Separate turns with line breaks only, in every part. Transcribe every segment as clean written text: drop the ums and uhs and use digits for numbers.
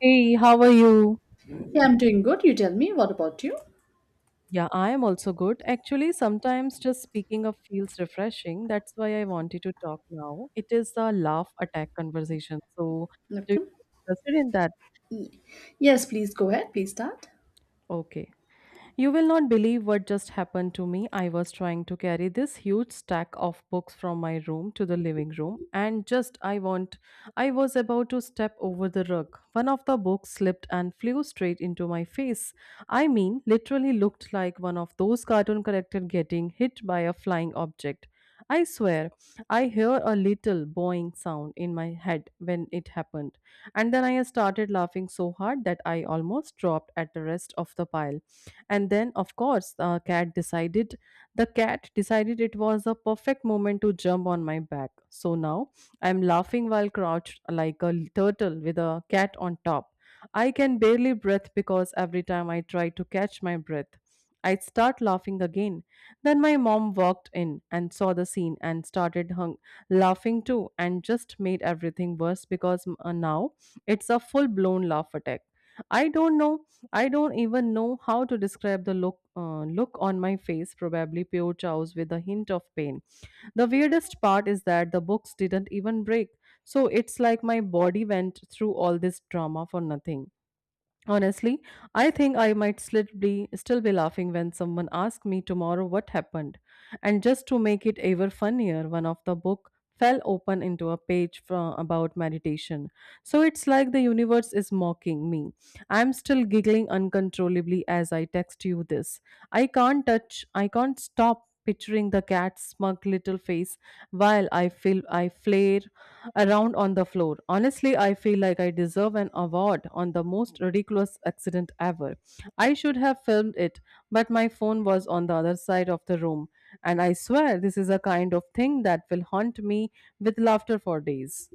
Hey, how are you?
Yeah, I'm doing good. You tell me, what about you?
Yeah, I am also good. Actually, sometimes just speaking of feels refreshing. That's why I wanted to talk now. It is a laugh attack conversation. So, do you
Okay.
interested in that?
Yes, please go ahead. Please start.
Okay. You will not believe what just happened to me. I was trying to carry this huge stack of books from my room to the living room and just I want I was about to step over the rug. One of the books slipped and flew straight into my face. I mean, literally looked like one of those cartoon characters getting hit by a flying object. I swear, I hear a little boing sound in my head when it happened, and then I started laughing so hard that I almost dropped at the rest of the pile, and then of course the cat decided it was a perfect moment to jump on my back. So now I'm laughing while crouched like a turtle with a cat on top. I can barely breathe because every time I try to catch my breath, I'd start laughing again. Then my mom walked in and saw the scene and started laughing too, and just made everything worse because now it's a full blown laugh attack. i don't know I don't even know how to describe the look on my face, probably pure chaos with a hint of pain. The weirdest part is that the books didn't even break. So it's like my body went through all this drama for nothing. Honestly, I think I might still be laughing when someone asks me tomorrow what happened. And just to make it ever funnier, one of the book fell open into a page about meditation. So it's like the universe is mocking me. I'm still giggling uncontrollably as I text you this. I can't stop picturing the cat's smug little face while I feel I flare around on the floor. Honestly, I feel like I deserve an award on the most ridiculous accident ever. I should have filmed it, but my phone was on the other side of the room, and I swear this is a kind of thing that will haunt me with laughter for days.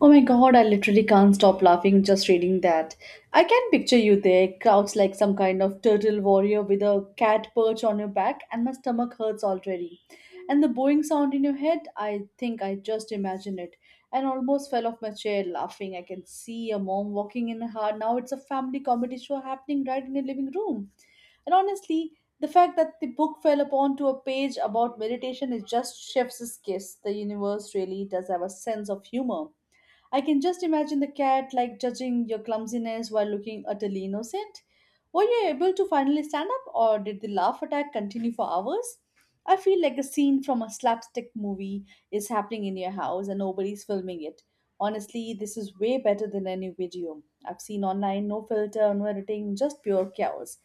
Oh my god, I literally can't stop laughing just reading that. I can picture you there, crouched like some kind of turtle warrior with a cat perch on your back, and my stomach hurts already. And the bowing sound in your head, I think I just imagined it. And almost fell off my chair laughing. I can see a mom walking in her. Now it's a family comedy show happening right in your living room. And honestly, the fact that the book fell upon to a page about meditation is just chef's kiss. The universe really does have a sense of humor. I can just imagine the cat like judging your clumsiness while looking utterly innocent. Were you able to finally stand up, or did the laugh attack continue for hours? I feel like a scene from a slapstick movie is happening in your house and nobody's filming it. Honestly, this is way better than any video I've seen online. No filter, no editing, just pure chaos.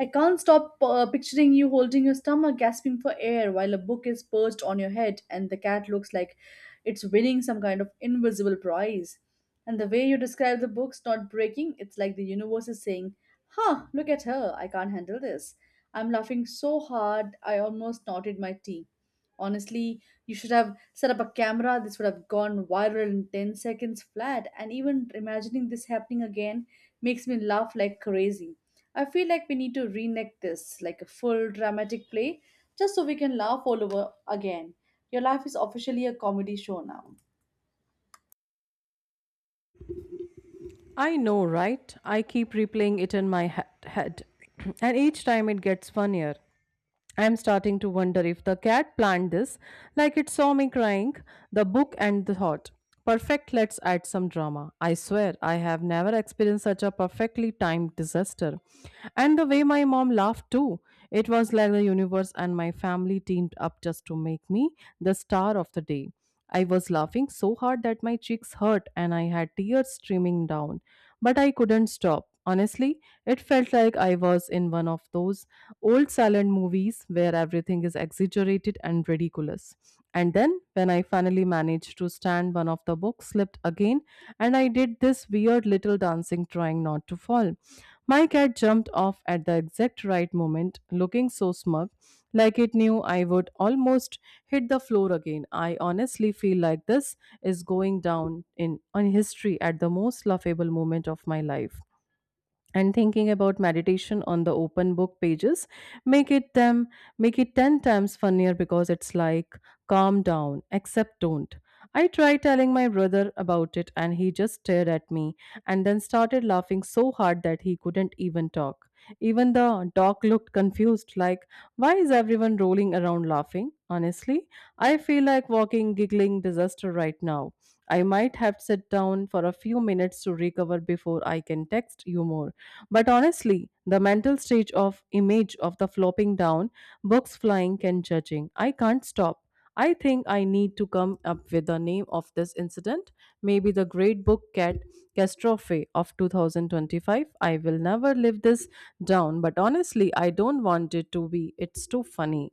I can't stop picturing you holding your stomach, gasping for air, while a book is perched on your head and the cat looks like it's winning some kind of invisible prize. And the way you describe the books not breaking, it's like the universe is saying, "Huh, look at her, I can't handle this. I'm laughing so hard, I almost knotted my tea." Honestly, you should have set up a camera. This would have gone viral in 10 seconds flat. And even imagining this happening again makes me laugh like crazy. I feel like we need to reenact this like a full dramatic play just so we can laugh all over again. Your life is officially a comedy show now.
I know, right? I keep replaying it in my head, and each time it gets funnier. I am starting to wonder if the cat planned this, like it saw me crying, the book and the thought. Perfect, let's add some drama. I swear, I have never experienced such a perfectly timed disaster. And the way my mom laughed too, it was like the universe and my family teamed up just to make me the star of the day. I was laughing so hard that my cheeks hurt and I had tears streaming down. But I couldn't stop. Honestly, it felt like I was in one of those old silent movies where everything is exaggerated and ridiculous. And then, when I finally managed to stand, one of the books slipped again mine and I did this weird little dancing trying not to fall. My cat jumped off at the exact right moment, looking so smug, like it knew I would almost hit the floor again. I honestly feel like this is going down in history at the most laughable moment of my life, and thinking about meditation on the open book pages make it them make it 10 times funnier because it's like calm down except don't. I tried telling my brother about it and he just stared at me, and then started laughing so hard that he couldn't even talk. Even the dog looked confused, like why is everyone rolling around laughing. Honestly, I feel like walking giggling disaster right now. I might have to sit down for a few minutes to recover before I can text you more. But honestly, the mental stage of image of the flopping down, books flying and judging. I can't stop. I think I need to come up with the name of this incident. Maybe the great book cat catastrophe of 2025. I will never live this down, but honestly, I don't want it to be. It's too funny.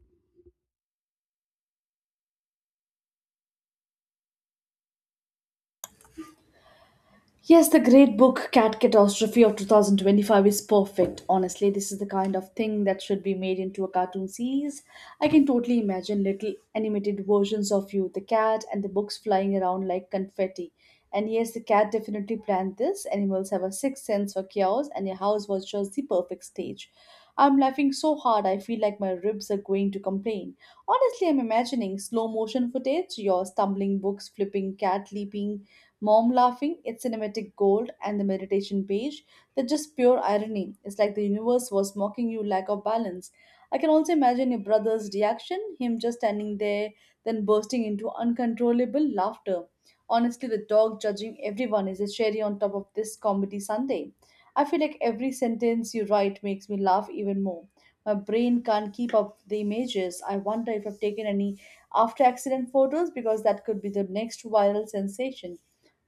Yes, the great book Cat Catastrophe of 2025 is perfect. Honestly, this is the kind of thing that should be made into a cartoon series. I can totally imagine little animated versions of you, the cat, and the books flying around like confetti. And yes, the cat definitely planned this. Animals have a sixth sense for chaos, and your house was just the perfect stage. I'm laughing so hard I feel like my ribs are going to complain. Honestly, I'm imagining slow motion footage, your stumbling books, flipping cat leaping, Mom laughing, it's cinematic gold, and the meditation page, that's just pure irony. It's like the universe was mocking you lack of balance. I can also imagine your brother's reaction, him just standing there, then bursting into uncontrollable laughter. Honestly, the dog judging everyone is a cherry on top of this comedy Sunday. I feel like every sentence you write makes me laugh even more. My brain can't keep up with the images. I wonder if I've taken any after accident photos because that could be the next viral sensation.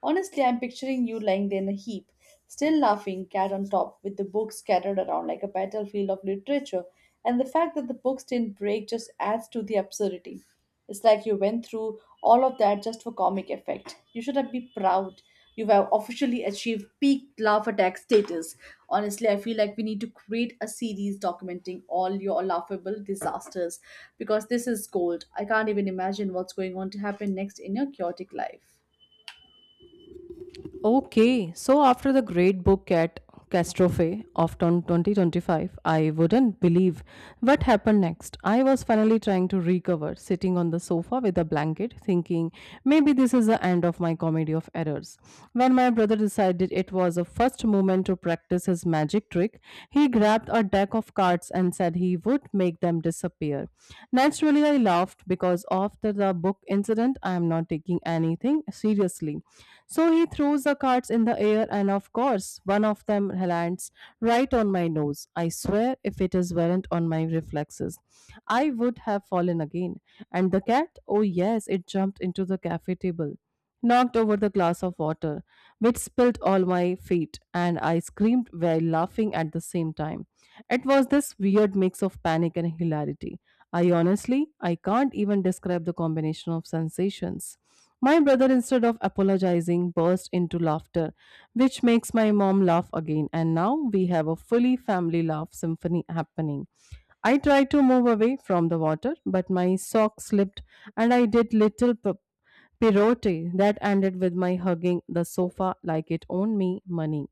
Honestly, I'm picturing you lying there in a heap, still laughing, cat on top, with the books scattered around like a battlefield of literature. And the fact that the books didn't break just adds to the absurdity. It's like you went through all of that just for comic effect. You should have been proud. You have officially achieved peak laugh attack status. Honestly, I feel like we need to create a series documenting all your laughable disasters because this is gold. I can't even imagine what's going on to happen next in your chaotic life.
Okay, so after the great book at Castrophe of 2025, I wouldn't believe what happened next. I was finally trying to recover, sitting on the sofa with a blanket, thinking maybe this is the end of my comedy of errors. When my brother decided it was a first moment to practice his magic trick, he grabbed a deck of cards and said he would make them disappear. Actually, I laughed because after the book incident, I am not taking anything seriously. So he throws the cards in the air, and of course, one of them lands right on my nose. I swear, if it is weren't on my reflexes, I would have fallen again. And the cat, oh yes, it jumped into the cafe table, knocked over the glass of water, which spilled all my feet, and I screamed while laughing at the same time. It was this weird mix of panic and hilarity. I can't even describe the combination of sensations. My brother, instead of apologizing, burst into laughter, which makes my mom laugh again, and now we have a fully family laugh symphony happening. I tried to move away from the water, but my sock slipped and I did little Pierotti that ended with my hugging the sofa like it owned me money.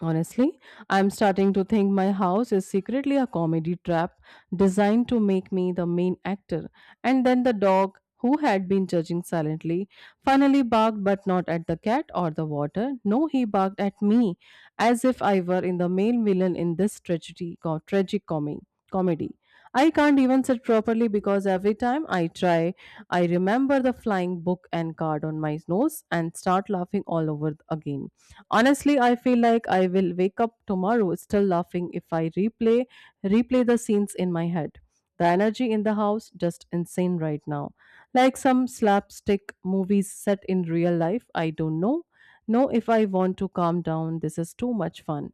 Honestly, I'm starting to think my house is secretly a comedy trap designed to make me the main actor. And then the dog, who had been judging silently, finally barked but not at the cat or the water. No, he barked at me as if I were in the main villain in this tragedy, tragic comedy. I can't even sit properly because every time I try, I remember the flying book and card on my nose and start laughing all over again. Honestly, I feel like I will wake up tomorrow still laughing if I replay the scenes in my head. The energy in the house just insane right now. Like some slapstick movies set in real life. I don't know. Know if I want to calm down. This is too much fun.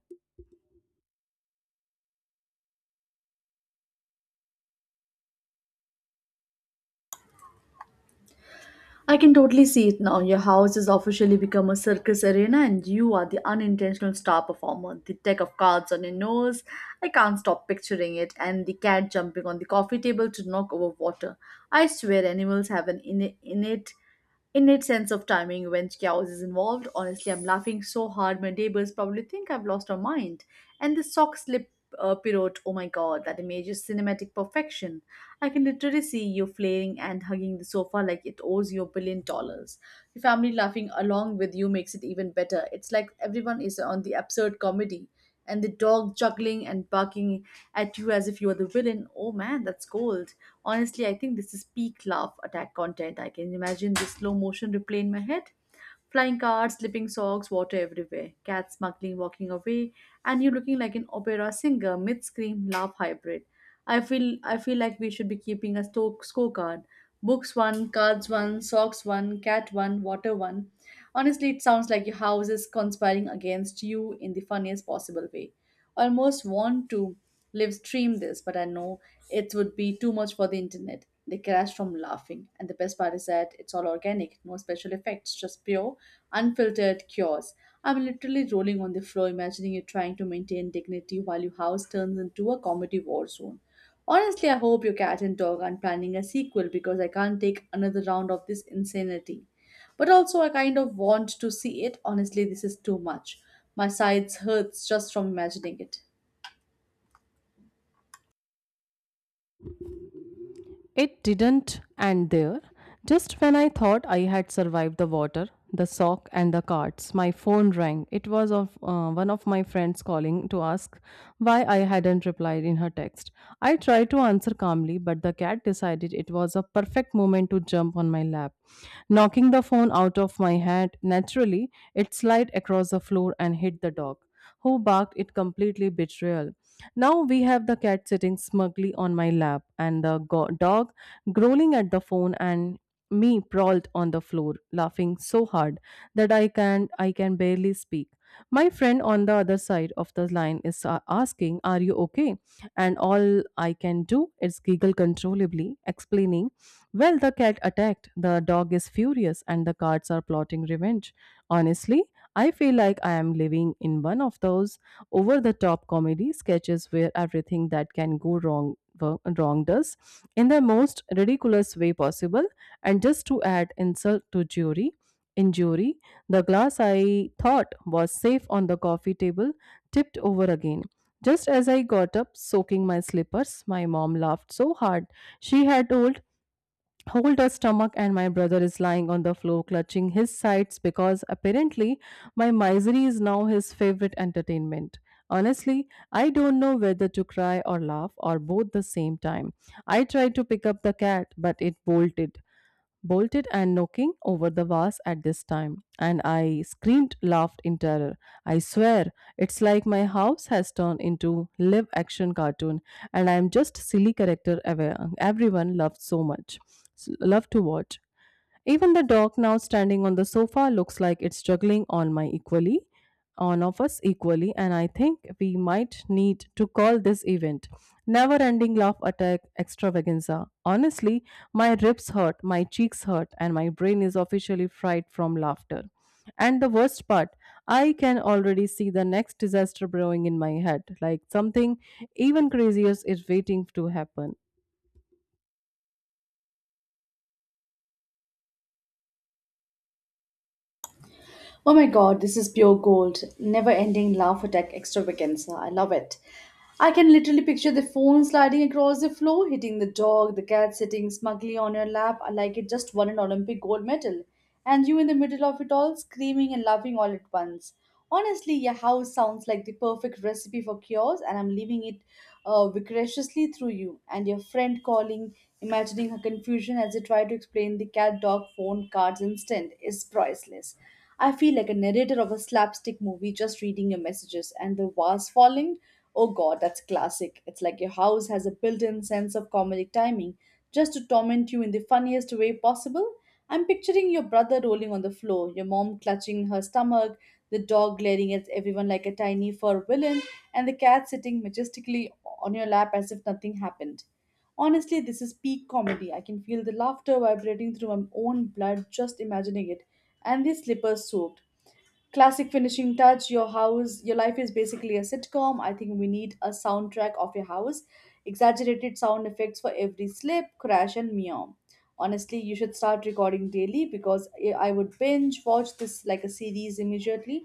I can totally see it now. Your house has officially become a circus arena, and you are the unintentional star performer. The deck of cards on your nose, I can't stop picturing it, and the cat jumping on the coffee table to knock over water. I swear, animals have an innate sense of timing when chaos is involved. Honestly, I'm laughing so hard, my neighbors probably think I've lost my mind. And the sock slip pirouette, oh my god, that image is cinematic perfection. I can literally see you flailing and hugging the sofa like it owes you $1 billion. Your family laughing along with you makes it even better. It's like everyone is on the absurd comedy. And the dog juggling and barking at you as if you are the villain. Oh man, that's gold. Honestly, I think this is peak laugh attack content. I can imagine the slow motion replay in my head. Flying cards, slipping socks, water everywhere, cats smuggling, walking away, and you looking like an opera singer, mid scream, laugh hybrid. I feel like we should be keeping a scorecard. Books one, cards one, socks one, cat one, water one. Honestly, it sounds like your house is conspiring against you in the funniest possible way, almost want to live stream this, but I know it would be too much for the internet. They crashed from laughing. And the best part is that it's all organic, no special effects, just pure, unfiltered chaos. I'm literally rolling on the floor, imagining you trying to maintain dignity while your house turns into a comedy war zone. Honestly, I hope your cat and dog aren't planning a sequel because I can't take another round of this insanity. But also, I kind of want to see it. Honestly, this is too much. My sides hurts just from imagining it.
It didn't end there. Just when I thought I had survived the water, the sock, and the carts, my phone rang. It was of one of my friends calling to ask why I hadn't replied in her text. I tried to answer calmly, but the cat decided it was a perfect moment to jump on my lap, knocking the phone out of my hand. Naturally, it slid across the floor and hit the dog who barked it completely betrayal. Now we have the cat sitting smugly on my lap and the dog growling at the phone, and me sprawled on the floor laughing so hard that I can barely speak. My friend on the other side of the line is asking, "Are you okay?" And all I can do is giggle controllably, explaining, "Well, the cat attacked, the dog is furious, and the cats are plotting revenge." Honestly, I feel like I am living in one of those over the top comedy sketches where everything that can go wrong does in the most ridiculous way possible. And just to add insult to jury injury, the glass I thought was safe on the coffee table tipped over again just as I got up, soaking my slippers. My mom laughed so hard she had old hold her stomach, and my brother is lying on the floor clutching his sides because apparently my misery is now his favorite entertainment. Honestly, I don't know whether to cry or laugh or both the same time. I tried to pick up the cat but it bolted and knocking over the vase at this time, and I screamed, laughed in terror. I swear, it's like my house has turned into live action cartoon, and I am just silly character everyone loved so much, love to watch. Even the dog now standing on the sofa looks like it's juggling on my on of us equally, and I think we might need to call this event never ending laugh attack extravaganza. Honestly, my ribs hurt, my cheeks hurt, and my brain is officially fried from laughter. And the worst part, I can already see the next disaster brewing in my head, like something even crazier is waiting to happen.
Oh my god, this is pure gold. Never ending laugh attack extravaganza. I love it. I can literally picture the phone sliding across the floor, hitting the dog, the cat sitting smugly on your lap like it just won an Olympic gold medal, and you in the middle of it all, screaming and laughing all at once. Honestly, your house sounds like the perfect recipe for cures, and I'm leaving it vicariously through you. And your friend calling, imagining her confusion as they try to explain the cat dog phone cards instant, is priceless. I feel like a narrator of a slapstick movie just reading your messages, and the vase falling. Oh god, that's classic. It's like your house has a built in sense of comedic timing just to torment you in the funniest way possible. I'm picturing your brother rolling on the floor, your mom clutching her stomach, the dog glaring at everyone like a tiny fur villain, and the cat sitting majestically on your lap as if nothing happened. Honestly, this is peak comedy. I can feel the laughter vibrating through my own blood just imagining it, and the slippers soaked classic finishing touch, your house, your life is basically a sitcom. I think we need a soundtrack of your house, exaggerated sound effects for every slip, crash and meow. Honestly, you should start recording daily because I would binge watch this like a series immediately.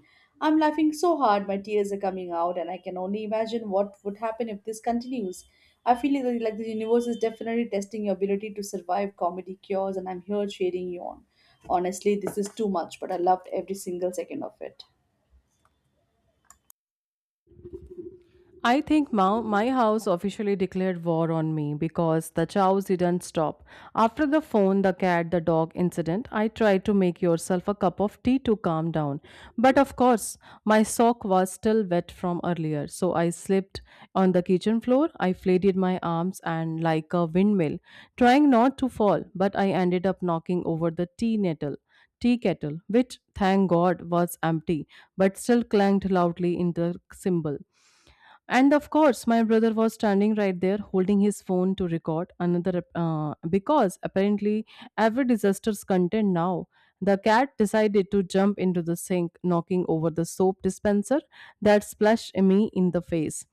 I'm laughing so hard my tears are coming out and I can only imagine what would happen if this continues. I feel like the universe is definitely testing your ability to survive comedy cures, and I'm here cheering you on. Honestly, this is too much, but I loved every single second of it.
I think my house officially declared war on me because the chows didn't stop. After the phone, the cat, the dog incident, I tried to make yourself a cup of tea to calm down. But of course, my sock was still wet from earlier, so I slipped on the kitchen floor. I flailed my arms and like a windmill, trying not to fall, but I ended up knocking over the tea nettle. Tea kettle, which thank God was empty, but still clanged loudly in the cymbal. And of course, my brother was standing right there holding his phone to record another because apparently every disaster's content now. The cat decided to jump into the sink, knocking over the soap dispenser that splashed me in the face.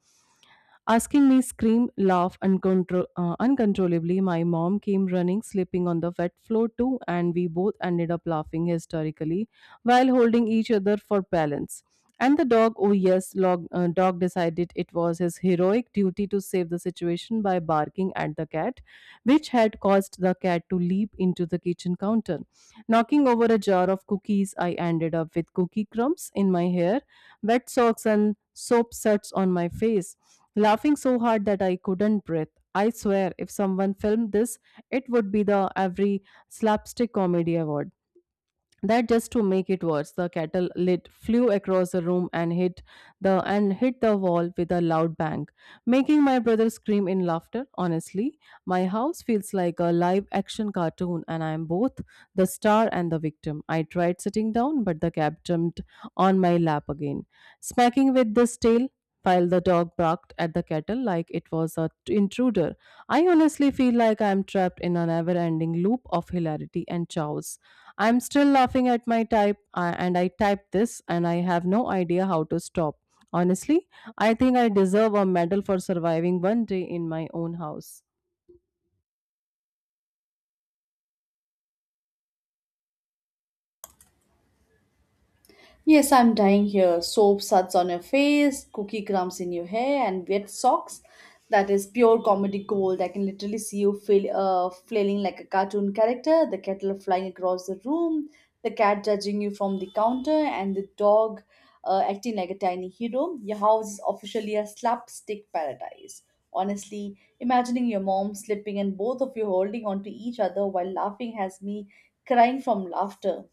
Asking me scream, laugh uncontrollably, my mom came running, slipping on the wet floor too, and we both ended up laughing hysterically while holding each other for balance. And the dog, dog decided it was his heroic duty to save the situation by barking at the cat, which had caused the cat to leap into the kitchen counter. Knocking over a jar of cookies, I ended up with cookie crumbs in my hair, wet socks, and soap suds on my face laughing so hard that I couldn't breathe. I swear, if someone filmed this, it would be the every slapstick comedy award, that just to make it worse, the kettle lid flew across the room and hit the wall with a loud bang, making my brother scream in laughter. Honestly, my house feels like a live action cartoon, and I am both the star and the victim. I tried sitting down, but the cat jumped on my lap again, smacking with this tail, while the dog barked at the kettle like it was a intruder. I honestly feel like I am trapped in a never ending loop of hilarity and chaos. I'm still laughing at my type, and I typed this, and I have no idea how to stop. Honestly, I think I deserve a medal for surviving one day in my own house.
Yes, I'm dying here. Soap suds on your face, cookie crumbs in your hair, and wet socks. That is pure comedy gold. I can literally see you flailing like a cartoon character, the kettle flying across the room, the cat judging you from the counter, and the dog acting like a tiny hero. Your house is officially a slapstick paradise. Honestly, imagining your mom slipping and both of you holding onto each other while laughing has me crying from laughter,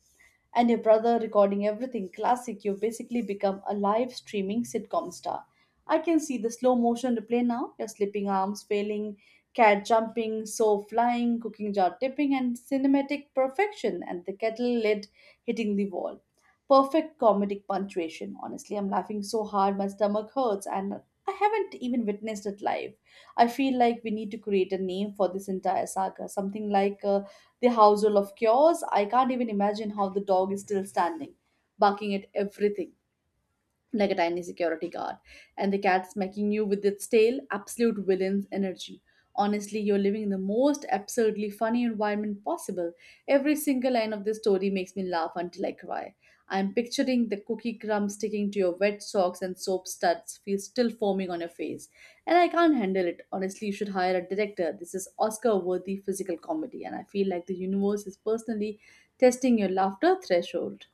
and your brother recording everything classic, you've basically become a live streaming sitcom star. I can see the slow motion replay now, your slipping arms failing, cat jumping, so flying, cooking jar tipping, and cinematic perfection, and the kettle lid hitting the wall. Perfect comedic punctuation. Honestly, I'm laughing so hard my stomach hurts, and I haven't even witnessed it live. I feel like we need to create a name for this entire saga, something like the household of chaos. I can't even imagine how the dog is still standing, barking at everything like a tiny security guard, and the cat smacking you with its tail, absolute villain's energy. Honestly, you're living in the most absurdly funny environment possible. Every single line of this story makes me laugh until I cry. I'm picturing the cookie crumbs sticking to your wet socks and soap suds feel still foaming on your face. And I can't handle it. Honestly, you should hire a director. This is Oscar worthy physical comedy, and I feel like the universe is personally testing your laughter threshold.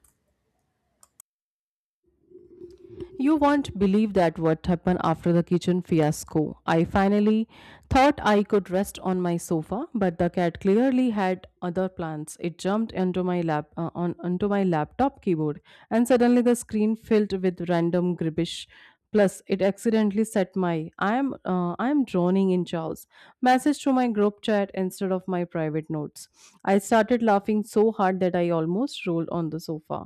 You won't believe that what happened after the kitchen fiasco. I finally thought I could rest on my sofa, but the cat clearly had other plans. It jumped into my lap on onto my laptop keyboard, and suddenly the screen filled with random gibberish. Plus, it accidentally set my I am drowning in chows" message to my group chat instead of my private notes. I started laughing so hard that I almost rolled on the sofa.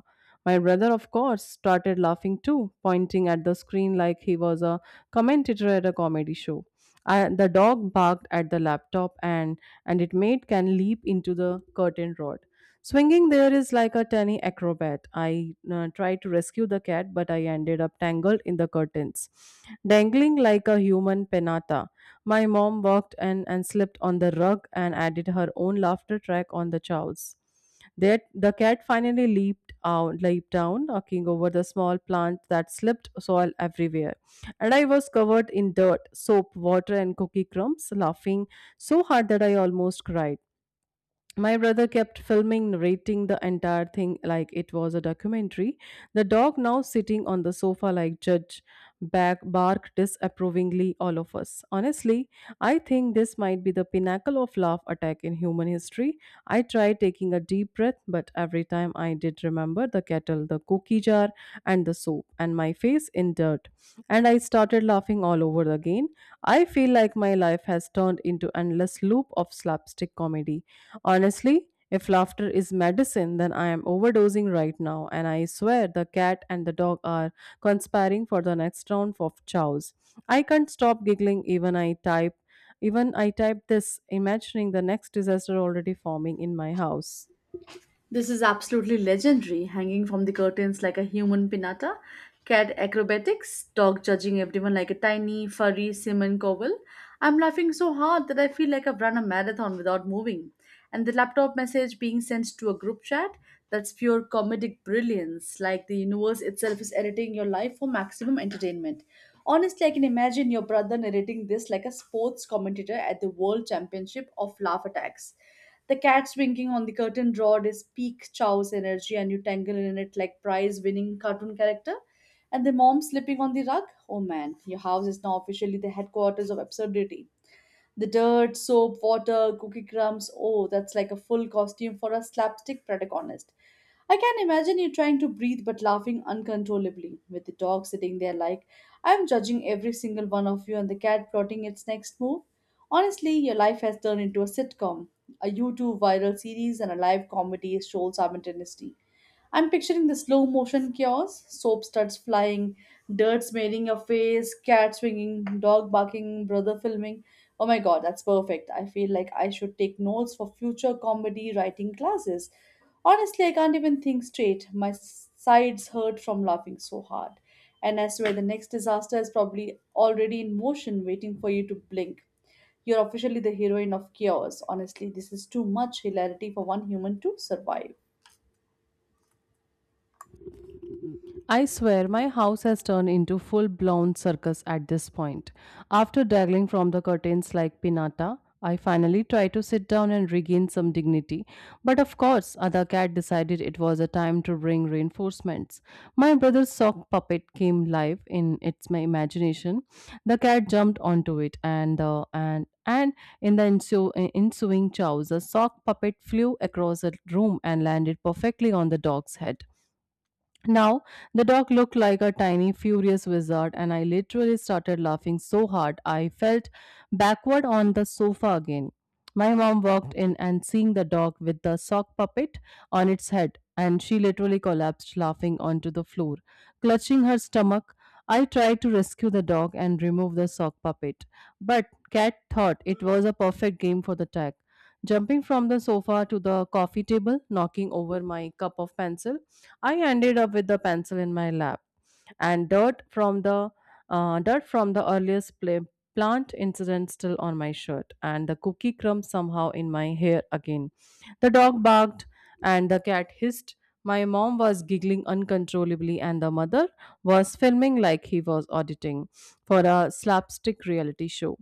My brother, of course, started laughing too, pointing at the screen like he was a commentator at a comedy show. The dog barked at the laptop, and it made Ken leap into the curtain rod. Swinging there is like a tiny acrobat. I Tried to rescue the cat, but I ended up tangled in the curtains, dangling like a human penata. My mom walked in and slipped on the rug and added her own laughter track on the chows. That the cat finally leaped out, leaped down, knocking over the small plant that slipped soil everywhere. And I was covered in dirt, soap, water, and cookie crumbs, laughing so hard that I almost cried. My brother kept filming, narrating the entire thing like it was a documentary. The dog, now sitting on the sofa like judge, back barked disapprovingly all of us. Honestly, I think this might be the pinnacle of laugh attack in human history. I tried taking a deep breath, but every time I did, remember the kettle, the cookie jar, and the soap and my face in dirt, and I started laughing all over again. I feel like my life has turned into endless loop of slapstick comedy. Honestly, if laughter is medicine, then I am overdosing right now, and I swear the cat and the dog are conspiring for the next round of chows. I can't stop giggling even I type this, imagining the next disaster already forming in my house.
This is absolutely legendary, hanging from the curtains like a human pinata, cat acrobatics, dog judging everyone like a tiny, furry semen cowl. I'm laughing so hard that I feel like I've run a marathon without moving. And the laptop message being sent to a group chat, that's pure comedic brilliance, like the universe itself is editing your life for maximum entertainment. Honestly, I can imagine your brother narrating this like a sports commentator at the World Championship of Laugh Attacks. The cat's winking on the curtain rod is peak Chow's energy, and you tangle in it like prize winning cartoon character. And the mom slipping on the rug? Oh man, your house is now officially the headquarters of absurdity. The dirt, soap, water, cookie crumbs. Oh, that's like a full costume for a slapstick protagonist. I can imagine you trying to breathe but laughing uncontrollably, with the dog sitting there like, I'm judging every single one of you, and the cat plotting its next move. Honestly, your life has turned into a sitcom, a YouTube viral series, and a live comedy show simultaneously. I'm picturing the slow motion chaos soap studs flying, dirt smearing your face, cat swinging, dog barking, brother filming. Oh my god, that's perfect. I feel like I should take notes for future comedy writing classes. Honestly, I can't even think straight. My sides hurt from laughing so hard. And I swear the next disaster is probably already in motion, waiting for you to blink. You're officially the heroine of chaos. Honestly, this is too much hilarity for one human to survive.
I swear my house has turned into full blown circus at this point. After dangling from the curtains like pinata, I finally tried to sit down and regain some dignity. But of course, other cat decided it was a time to bring reinforcements. My brother's sock puppet came live in its my imagination. The cat jumped onto it and in the ensuing chows, the sock puppet flew across the room and landed perfectly on the dog's head. Now, the dog looked like a tiny, furious wizard, and I literally started laughing so hard I felt backward on the sofa again. My mom walked in and seeing the dog with the sock puppet on its head, and she literally collapsed laughing onto the floor. Clutching her stomach, I tried to rescue the dog and remove the sock puppet, but Cat thought it was a perfect game for the tag. Jumping from the sofa to the coffee table, knocking over my cup of pencil, I ended up with a pencil in my lap and dirt from the earliest plant incident still on my shirt and the cookie crumb somehow in my hair again. The dog barked and the cat hissed. My mom was giggling uncontrollably and the mother was filming like he was auditing for a slapstick reality show.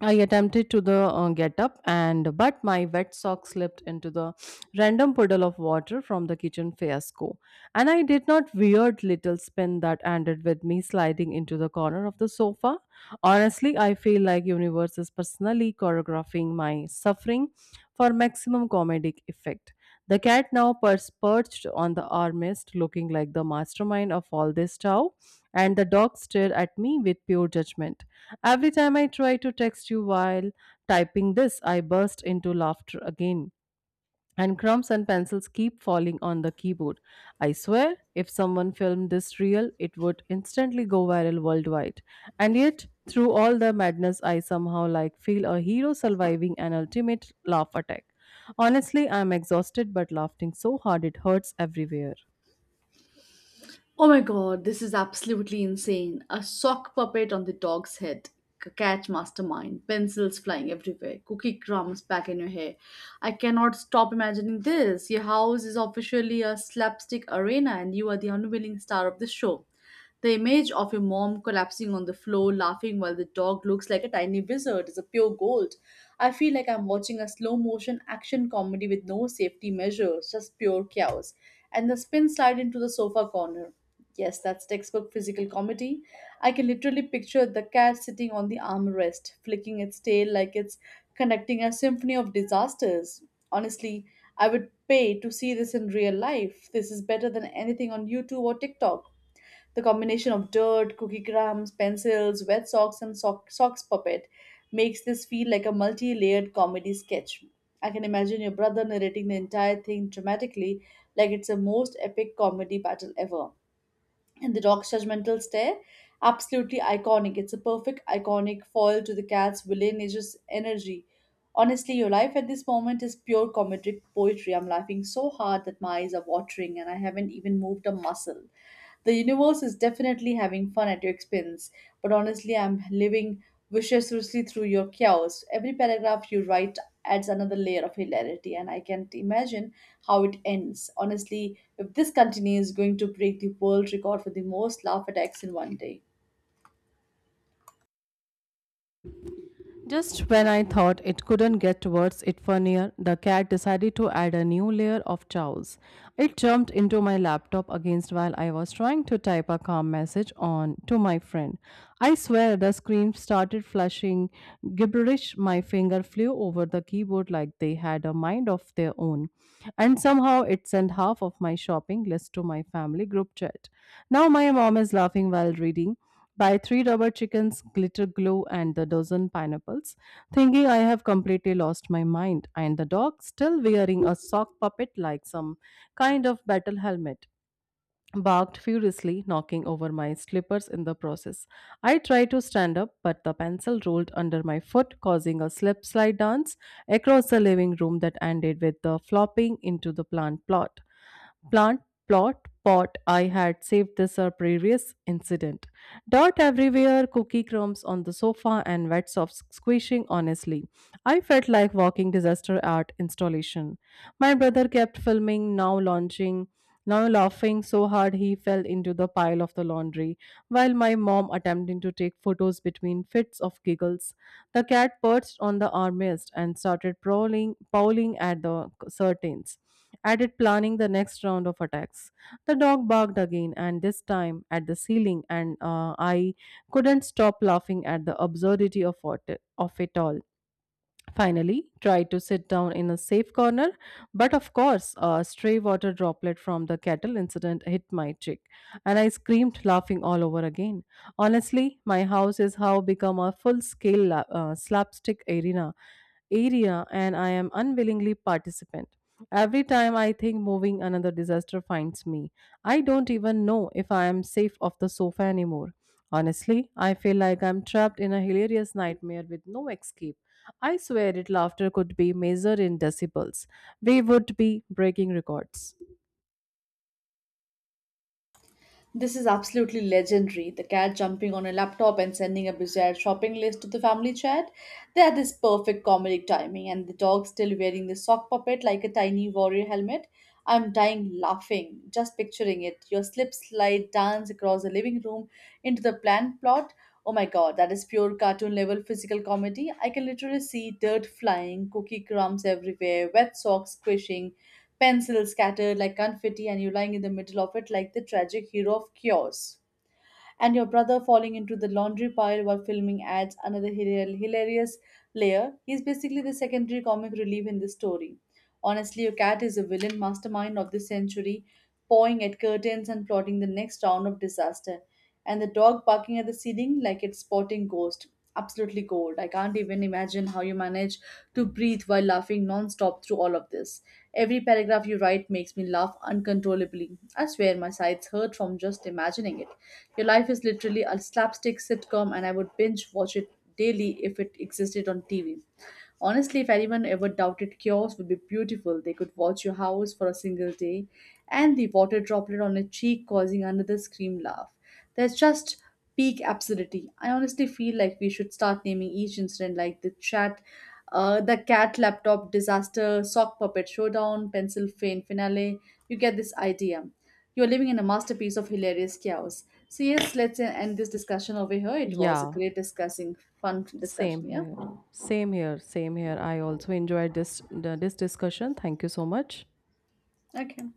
I attempted to the get up, and but my wet sock slipped into the random puddle of water from the kitchen fiasco, and I did not weird little spin that ended with me sliding into the corner of the sofa. Honestly, I feel like universe is personally choreographing my suffering for maximum comedic effect. The cat now perched on the armrest, looking like the mastermind of all this chow, and the dog stared at me with pure judgment. Every time I try to text you while typing this, I burst into laughter again, and crumbs and pencils keep falling on the keyboard. I swear, if someone filmed this reel, it would instantly go viral worldwide. And yet, through all the madness, I somehow like feel a hero surviving an ultimate laugh attack. Honestly, I'm exhausted but laughing so hard it hurts everywhere.
Oh my god, this is absolutely insane. A sock puppet on the dog's head. Catch mastermind. Pencils flying everywhere. Cookie crumbs back in your hair. I cannot stop imagining this. Your house is officially a slapstick arena and you are the unwilling star of the show. The image of your mom collapsing on the floor laughing while the dog looks like a tiny wizard is a pure gold. I feel like I'm watching a slow motion action comedy with no safety measures, just pure chaos. And the spin slide into the sofa corner. Yes, that's textbook physical comedy. I can literally picture the cat sitting on the armrest, flicking its tail like it's conducting a symphony of disasters. Honestly, I would pay to see this in real life. This is better than anything on YouTube or TikTok. The combination of dirt, cookie crumbs, pencils, wet socks, and socks puppet makes this feel like a multi layered comedy sketch. I can imagine your brother narrating the entire thing dramatically, like it's the most epic comedy battle ever and the dog's judgmental stare absolutely iconic. It's a perfect iconic foil to the cat's villainous energy. Honestly, your life at this moment is pure comedic poetry. I'm laughing so hard that my eyes are watering and I haven't even moved a muscle. The universe is definitely having fun at your expense, but honestly, I'm living viciously through your chaos. Every paragraph you write adds another layer of hilarity, and I can't imagine how it ends. Honestly, if this continues, it's going to break the world record for the most laugh attacks in one day.
Just when I thought it couldn't get worse it funnier, the cat decided to add a new layer of chows. It jumped into my laptop against while I was trying to type a calm message on to my friend. I swear the screen started flashing gibberish. My finger flew over the keyboard like they had a mind of their own. And somehow it sent half of my shopping list to my family group chat. Now my mom is laughing while reading, "Buy three rubber chickens, glitter glue, and the dozen pineapples," thinking I have completely lost my mind. And the dog, still wearing a sock puppet like some kind of battle helmet, barked furiously, knocking over my slippers in the process. I tried to stand up, but the pencil rolled under my foot, causing a slip slide dance across the living room that ended with the flopping into the plant plot. Plant, plot, Pot. I had saved this or previous incident. Dirt everywhere, cookie crumbs on the sofa, and wet socks squishing honestly. I felt like walking disaster art installation. My brother kept filming, now laughing so hard he fell into the pile of the laundry, while my mom attempting to take photos between fits of giggles. The cat perched on the armrest and started prowling at the curtains added planning the next round of attacks. The dog barked again, and this time at the ceiling, and I couldn't stop laughing at the absurdity of it all. Finally, try to sit down in a safe corner, but of course, a stray water droplet from the kettle incident hit my cheek, and I screamed, laughing all over again. Honestly, my house is how become a slapstick area, and I am unwillingly participant. Every time I think moving, another disaster finds me. I don't even know if I am safe off the sofa anymore. Honestly, I feel like I'm trapped in a hilarious nightmare with no escape. I swear it laughter could be measured in decibels. We would be breaking records.
This is absolutely legendary. The cat jumping on a laptop and sending a bizarre shopping list to the family chat. They had this perfect comedic timing, and the dog still wearing the sock puppet like a tiny warrior helmet. I'm dying laughing, just picturing it. Your slip slide dance across the living room into the plant plot. Oh my god, that is pure cartoon level physical comedy. I can literally see dirt flying, cookie crumbs everywhere, wet socks squishing, pencils scattered like confetti, and you lying in the middle of it like the tragic hero of chaos. And your brother falling into the laundry pile while filming adds another hilarious layer. He's basically the secondary comic relief in this story. Honestly, your cat is a villain mastermind of this century, pawing at curtains and plotting the next round of disaster. And the dog barking at the ceiling like it's spotting ghost. Absolutely gold. I can't even imagine how you manage to breathe while laughing non-stop through all of this. Every paragraph you write makes me laugh uncontrollably. I swear my sides hurt from just imagining it. Your life is literally a slapstick sitcom, and I would binge watch it daily if it existed on TV. Honestly, if anyone ever doubted cures would be beautiful, they could watch your house for a single day and the water droplet on your cheek causing another scream laugh. There's just peak absurdity. I honestly feel like we should start naming each incident like the chat, the cat laptop disaster, sock puppet showdown, pencil fan finale. You get this idea. You're living in a masterpiece of hilarious chaos. So yes, let's end this
Y-
discussion over here. It was a
Yeah,
great discussing, fun
Same
discussion. Yeah.
here. Same here. I also enjoyed this discussion. Thank you so much.
Okay.